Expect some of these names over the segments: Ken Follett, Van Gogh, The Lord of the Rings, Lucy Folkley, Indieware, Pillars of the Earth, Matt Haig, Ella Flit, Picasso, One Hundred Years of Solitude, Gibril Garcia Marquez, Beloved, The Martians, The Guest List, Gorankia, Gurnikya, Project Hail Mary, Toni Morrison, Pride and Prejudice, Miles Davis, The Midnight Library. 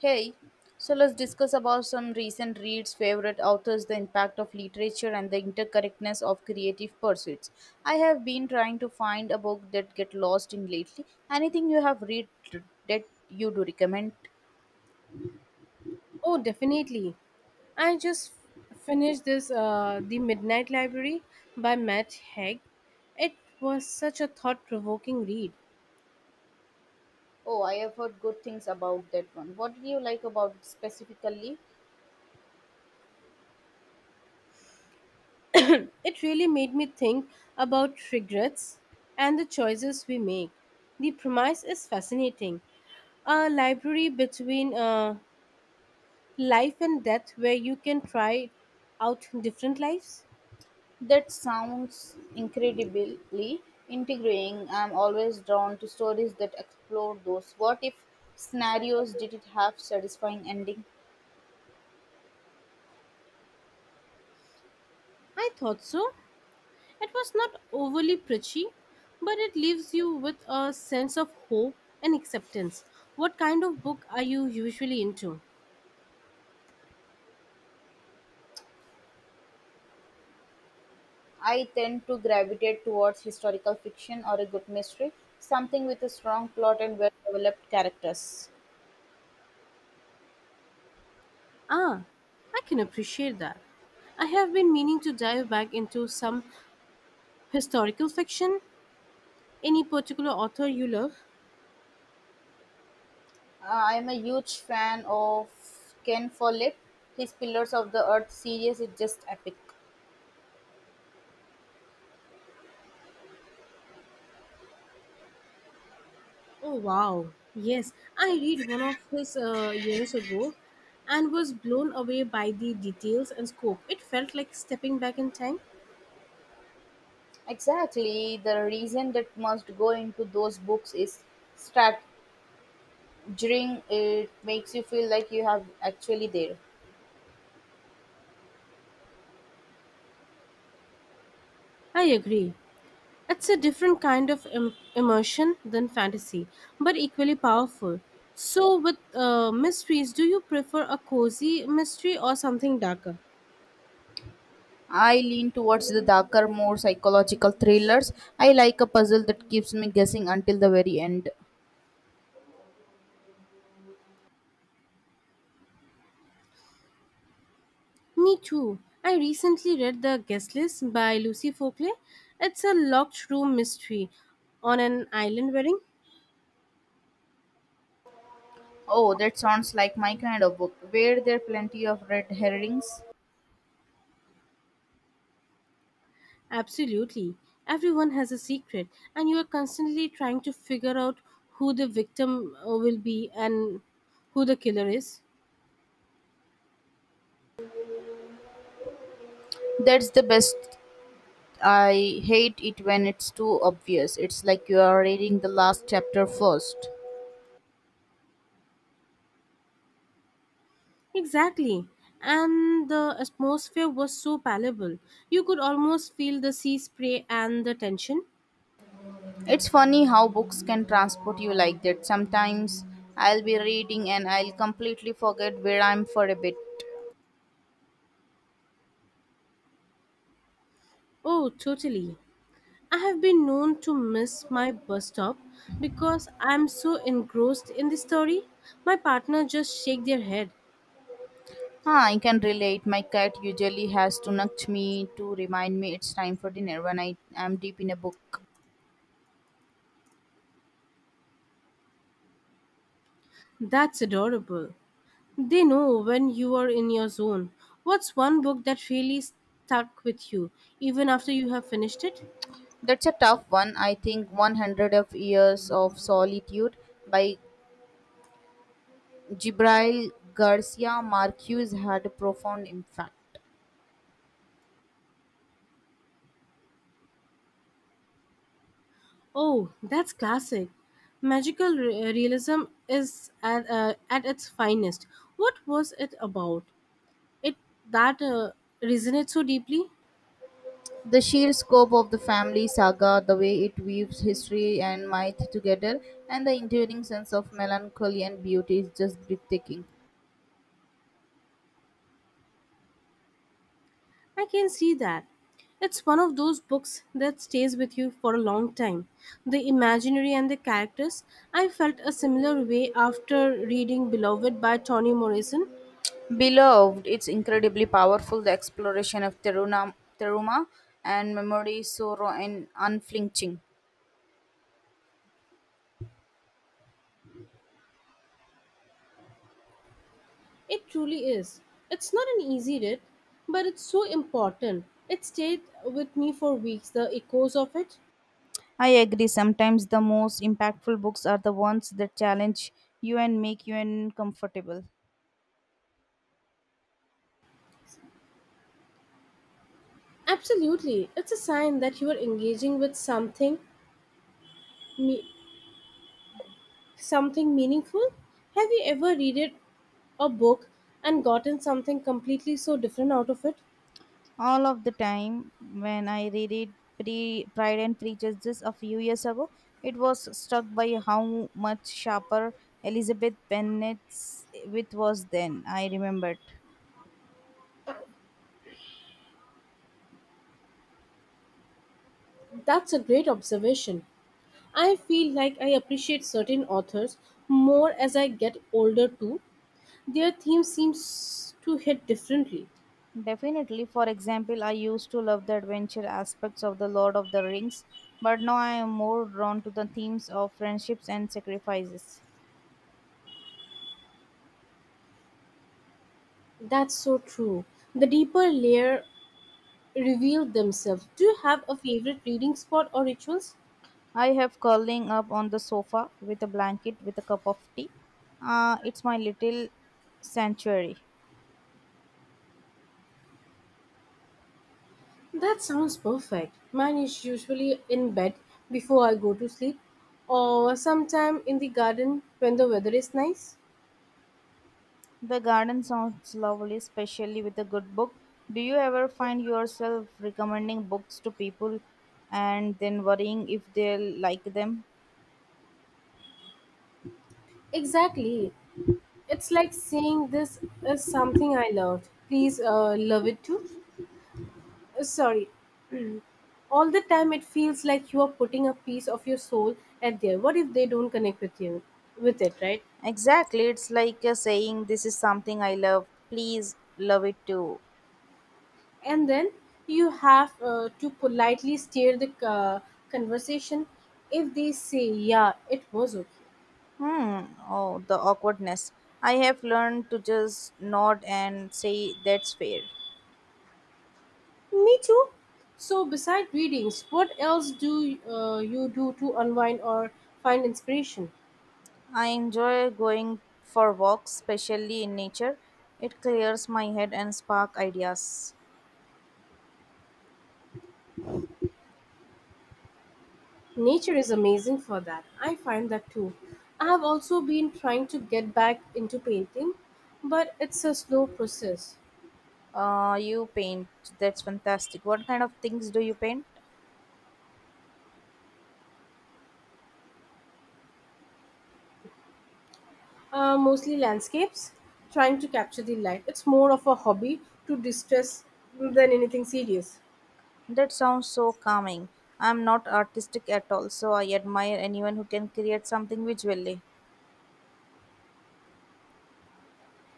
Hey, so let's discuss about some recent reads, favorite authors, the impact of literature, and the interconnectedness of creative pursuits. I have been trying to find a book that get lost in lately. Anything you have read that you do recommend? Oh, definitely. I just finished this The Midnight Library by Matt Haig. It was such a thought-provoking read. Oh, I have heard good things about that one. What do you like about it specifically? It really made me think about regrets and the choices we make. The premise is fascinating. A library between life and death where you can try out different lives. That sounds incredibly intriguing. I'm always drawn to stories that explore those what if scenarios. Did it have satisfying ending? I thought so. It was not overly preachy, but it leaves you with a sense of hope and acceptance. What kind of book are you usually into? I tend to gravitate towards historical fiction or a good mystery, something with a strong plot and well developed characters. Ah, I can appreciate that. I have been meaning to dive back into some historical fiction. Any particular author you love? I am a huge fan of Ken Follett. His Pillars of the Earth series is just epic. Oh, wow. Yes, I read one of his years ago and was blown away by the details and scope. It felt like stepping back in time. Exactly, the reason that must go into those books is strategizing. It makes you feel like you have actually there. I agree. It's a different kind of immersion than fantasy, but equally powerful. So, with mysteries, do you prefer a cozy mystery or something darker? I lean towards the darker, more psychological thrillers. I like a puzzle that keeps me guessing until the very end. Me too. I recently read The Guest List by Lucy Folkley. It's a locked room mystery on an island wedding. Oh, that sounds like my kind of book. Were there plenty of red herrings? Absolutely. Everyone has a secret, and you are constantly trying to figure out who the victim will be and who the killer is. That's the best. I hate it when it's too obvious. It's like you are reading the last chapter first. Exactly. And the atmosphere was so palpable. You could almost feel the sea spray and the tension. It's funny how books can transport you like that. Sometimes I'll be reading and I'll completely forget where I'm for a bit. Oh, totally. I have been known to miss my bus stop because I'm so engrossed in the story. My partner just shake their head. Ah, I can relate. My cat usually has to nudge me to remind me it's time for dinner when I am deep in a book. That's adorable. They know when you are in your zone. What's one book that really stuck with you even after you have finished it? That's a tough one. I think 100 of Years of Solitude by Gibril Garcia Marquez had a profound impact. Oh, that's classic. Magical realism is at its finest. What was it about? It that resonates so deeply? The sheer scope of the family saga, the way it weaves history and myth together, and the enduring sense of melancholy and beauty is just breathtaking. I can see that. It's one of those books that stays with you for a long time. The imaginary and the characters. I felt a similar way after reading Beloved by Toni Morrison. Beloved, it's incredibly powerful. The exploration of Teruna, Teruma and memory, sorrow, and unflinching. It truly is. It's not an easy read, but it's so important. It stayed with me for weeks, the echoes of it. I agree. Sometimes the most impactful books are the ones that challenge you and make you uncomfortable. Absolutely. It's a sign that you are engaging with me- something meaningful. Have you ever read it, a book and gotten something completely so different out of it? All of the time, when I read it, Pride and Prejudice just a few years ago, it was struck by how much sharper Elizabeth Bennet's wit was then. I remembered. That's a great observation. I feel like I appreciate certain authors more as I get older too. Their theme seems to hit differently. Definitely, for example, I used to love the adventure aspects of The Lord of the Rings, but now I am more drawn to the themes of friendships and sacrifices. That's so true. The deeper layer reveal themselves. Do you have a favorite reading spot or rituals? I have curling up on the sofa with a blanket with a cup of tea. It's my little sanctuary. That sounds perfect. Mine is usually in bed before I go to sleep or sometime in the garden when the weather is nice. The garden sounds lovely, especially with a good book. Do you ever find yourself recommending books to people and then worrying if they'll like them? Exactly. It's like saying this is something I loved. Please love it too. Sorry. All the time it feels like you are putting a piece of your soul at there. What if they don't connect with you with it, right? Exactly, it's like a saying, this is something I love, please love it too. And then you have to politely steer the conversation if they say yeah, it was okay. Hmm, oh, the awkwardness. I have learned to just nod and say that's fair. Me too. So, beside readings, what else do you do to unwind or find inspiration? I enjoy going for walks, especially in nature. It clears my head and spark ideas. Nature is amazing for that. I find that too. I have also been trying to get back into painting, but it's a slow process. You paint. That's fantastic. What kind of things do you paint? Mostly landscapes, trying to capture the light. It's more of a hobby to distress than anything serious. That sounds so calming. I'm not artistic at all, so I admire anyone who can create something visually.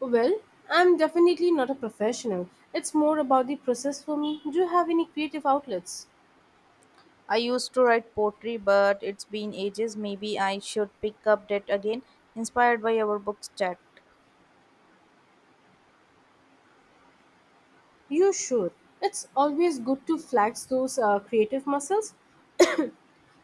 Well, I'm definitely not a professional. It's more about the process for me. Do you have any creative outlets? I used to write poetry, but it's been ages. Maybe I should pick up that again, inspired by our book's chat. You should. It's always good to flex those creative muscles.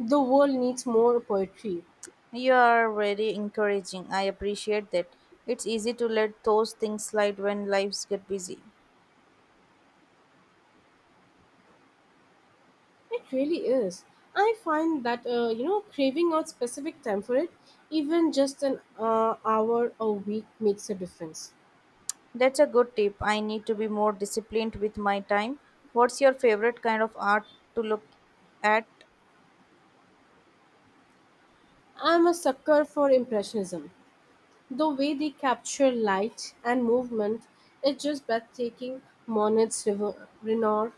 The world needs more poetry. You are very encouraging. I appreciate that. It's easy to let those things slide when lives get busy. It really is. I find that you know craving out specific time for it, even just an hour a week, makes a difference. That's a good tip. I need to be more disciplined with my time. What's your favorite kind of art to look at? I'm a sucker for impressionism. The way they capture light and movement is just breathtaking. Monet's River, Renoir,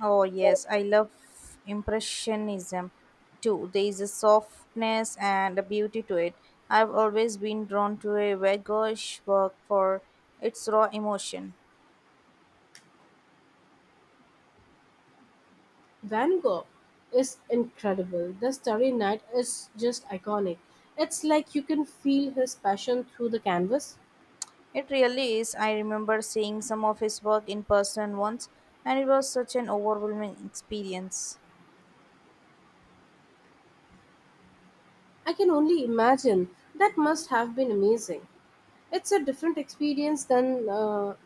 Oh, yes, I love Impressionism too. There is a softness and a beauty to it. I've always been drawn to a Van Gogh's work for its raw emotion. Van Gogh is incredible. The Starry Night is just iconic. It's like you can feel his passion through the canvas. It really is. I remember seeing some of his work in person once, and it was such an overwhelming experience. I can only imagine. That must have been amazing. It's a different experience than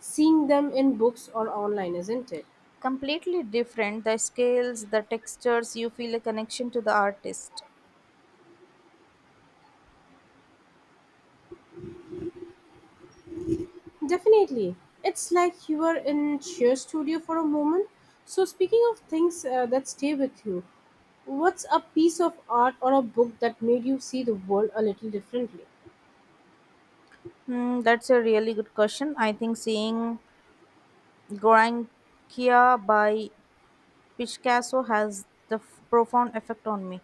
seeing them in books or online, isn't it? Completely different, the scales, the textures, you feel a connection to the artist. Definitely. It's like you are in sheer studio for a moment. So, speaking of things that stay with you, what's a piece of art or a book that made you see the world a little differently? Hmm, that's a really good question. I think seeing Gorankia by Picasso has the profound effect on me.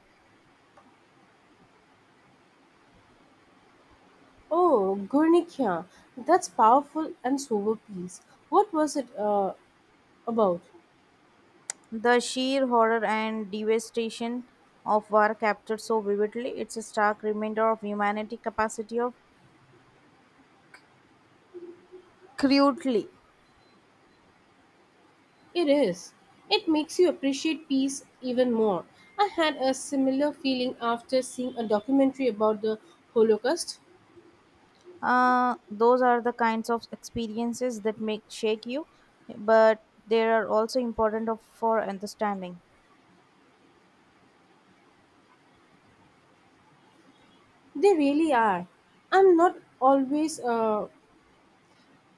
Oh, Gurnikya, that's powerful and sober piece. What was it about? The sheer horror and devastation of war captured so vividly, it's a stark reminder of humanity capacity of crudely. It is. It makes you appreciate peace even more. I had a similar feeling after seeing a documentary about the Holocaust. Those are the kinds of experiences that make shake you, but they are also important of, for understanding. They really are. I'm not always.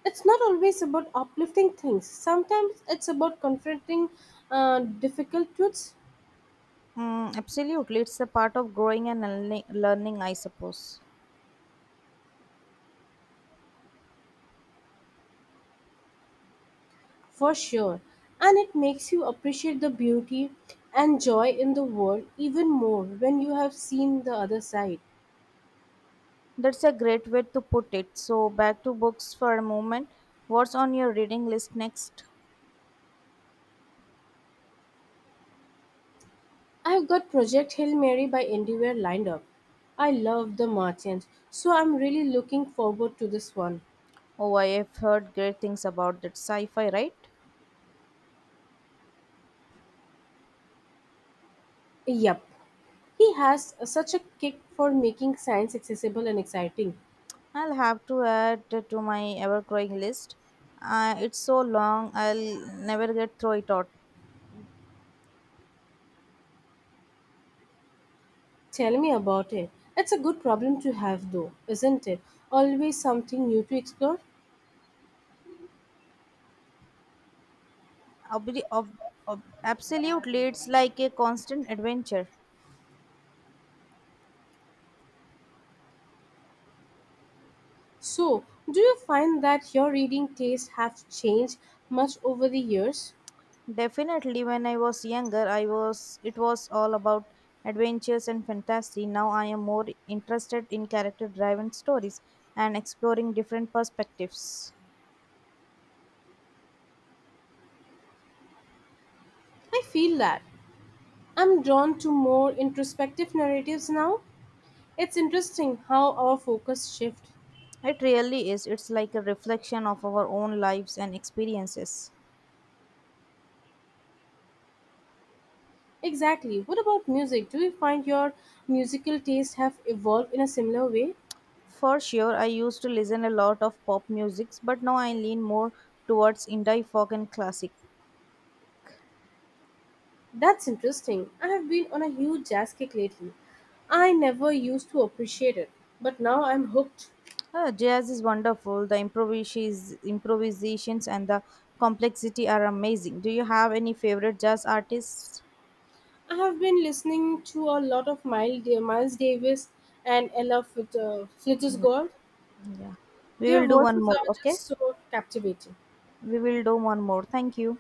It's not always about uplifting things. Sometimes it's about confronting difficult truths. Mm, absolutely, it's a part of growing and learning, I suppose. For sure. And it makes you appreciate the beauty and joy in the world even more when you have seen the other side. That's a great way to put it. So, back to books for a moment. What's on your reading list next? I've got Project Hail Mary by Indieware lined up. I love the Martians, so I'm really looking forward to this one. Oh, I have heard great things about that sci fi, right? Yep, he has such a kick for making science accessible and exciting. I'll have to add to my ever growing list. It's so long, I'll never get through it all. Tell me about it. It's a good problem to have, though, isn't it? Always something new to explore. Obli- ob- Absolutely, it's like a constant adventure. So, do you find that your reading tastes have changed much over the years? Definitely, when I was younger, I was it was all about adventures and fantasy. Now I am more interested in character driven stories and exploring different perspectives. I feel that. I'm drawn to more introspective narratives now. It's interesting how our focus shifts. It really is. It's like a reflection of our own lives and experiences. Exactly. What about music? Do you find your musical tastes have evolved in a similar way? For sure, I used to listen a lot of pop music, but now I lean more towards indie folk and classic. That's interesting. I have been on a huge jazz kick lately. I never used to appreciate it, but now I'm hooked. Ah, jazz is wonderful. The improvisations and the complexity are amazing. Do you have any favorite jazz artists? I have been listening to a lot of Miles Davis and Ella Fitzgerald. Yeah. We Their will do one voices more, are just okay? so captivating. We will do one more. Thank you.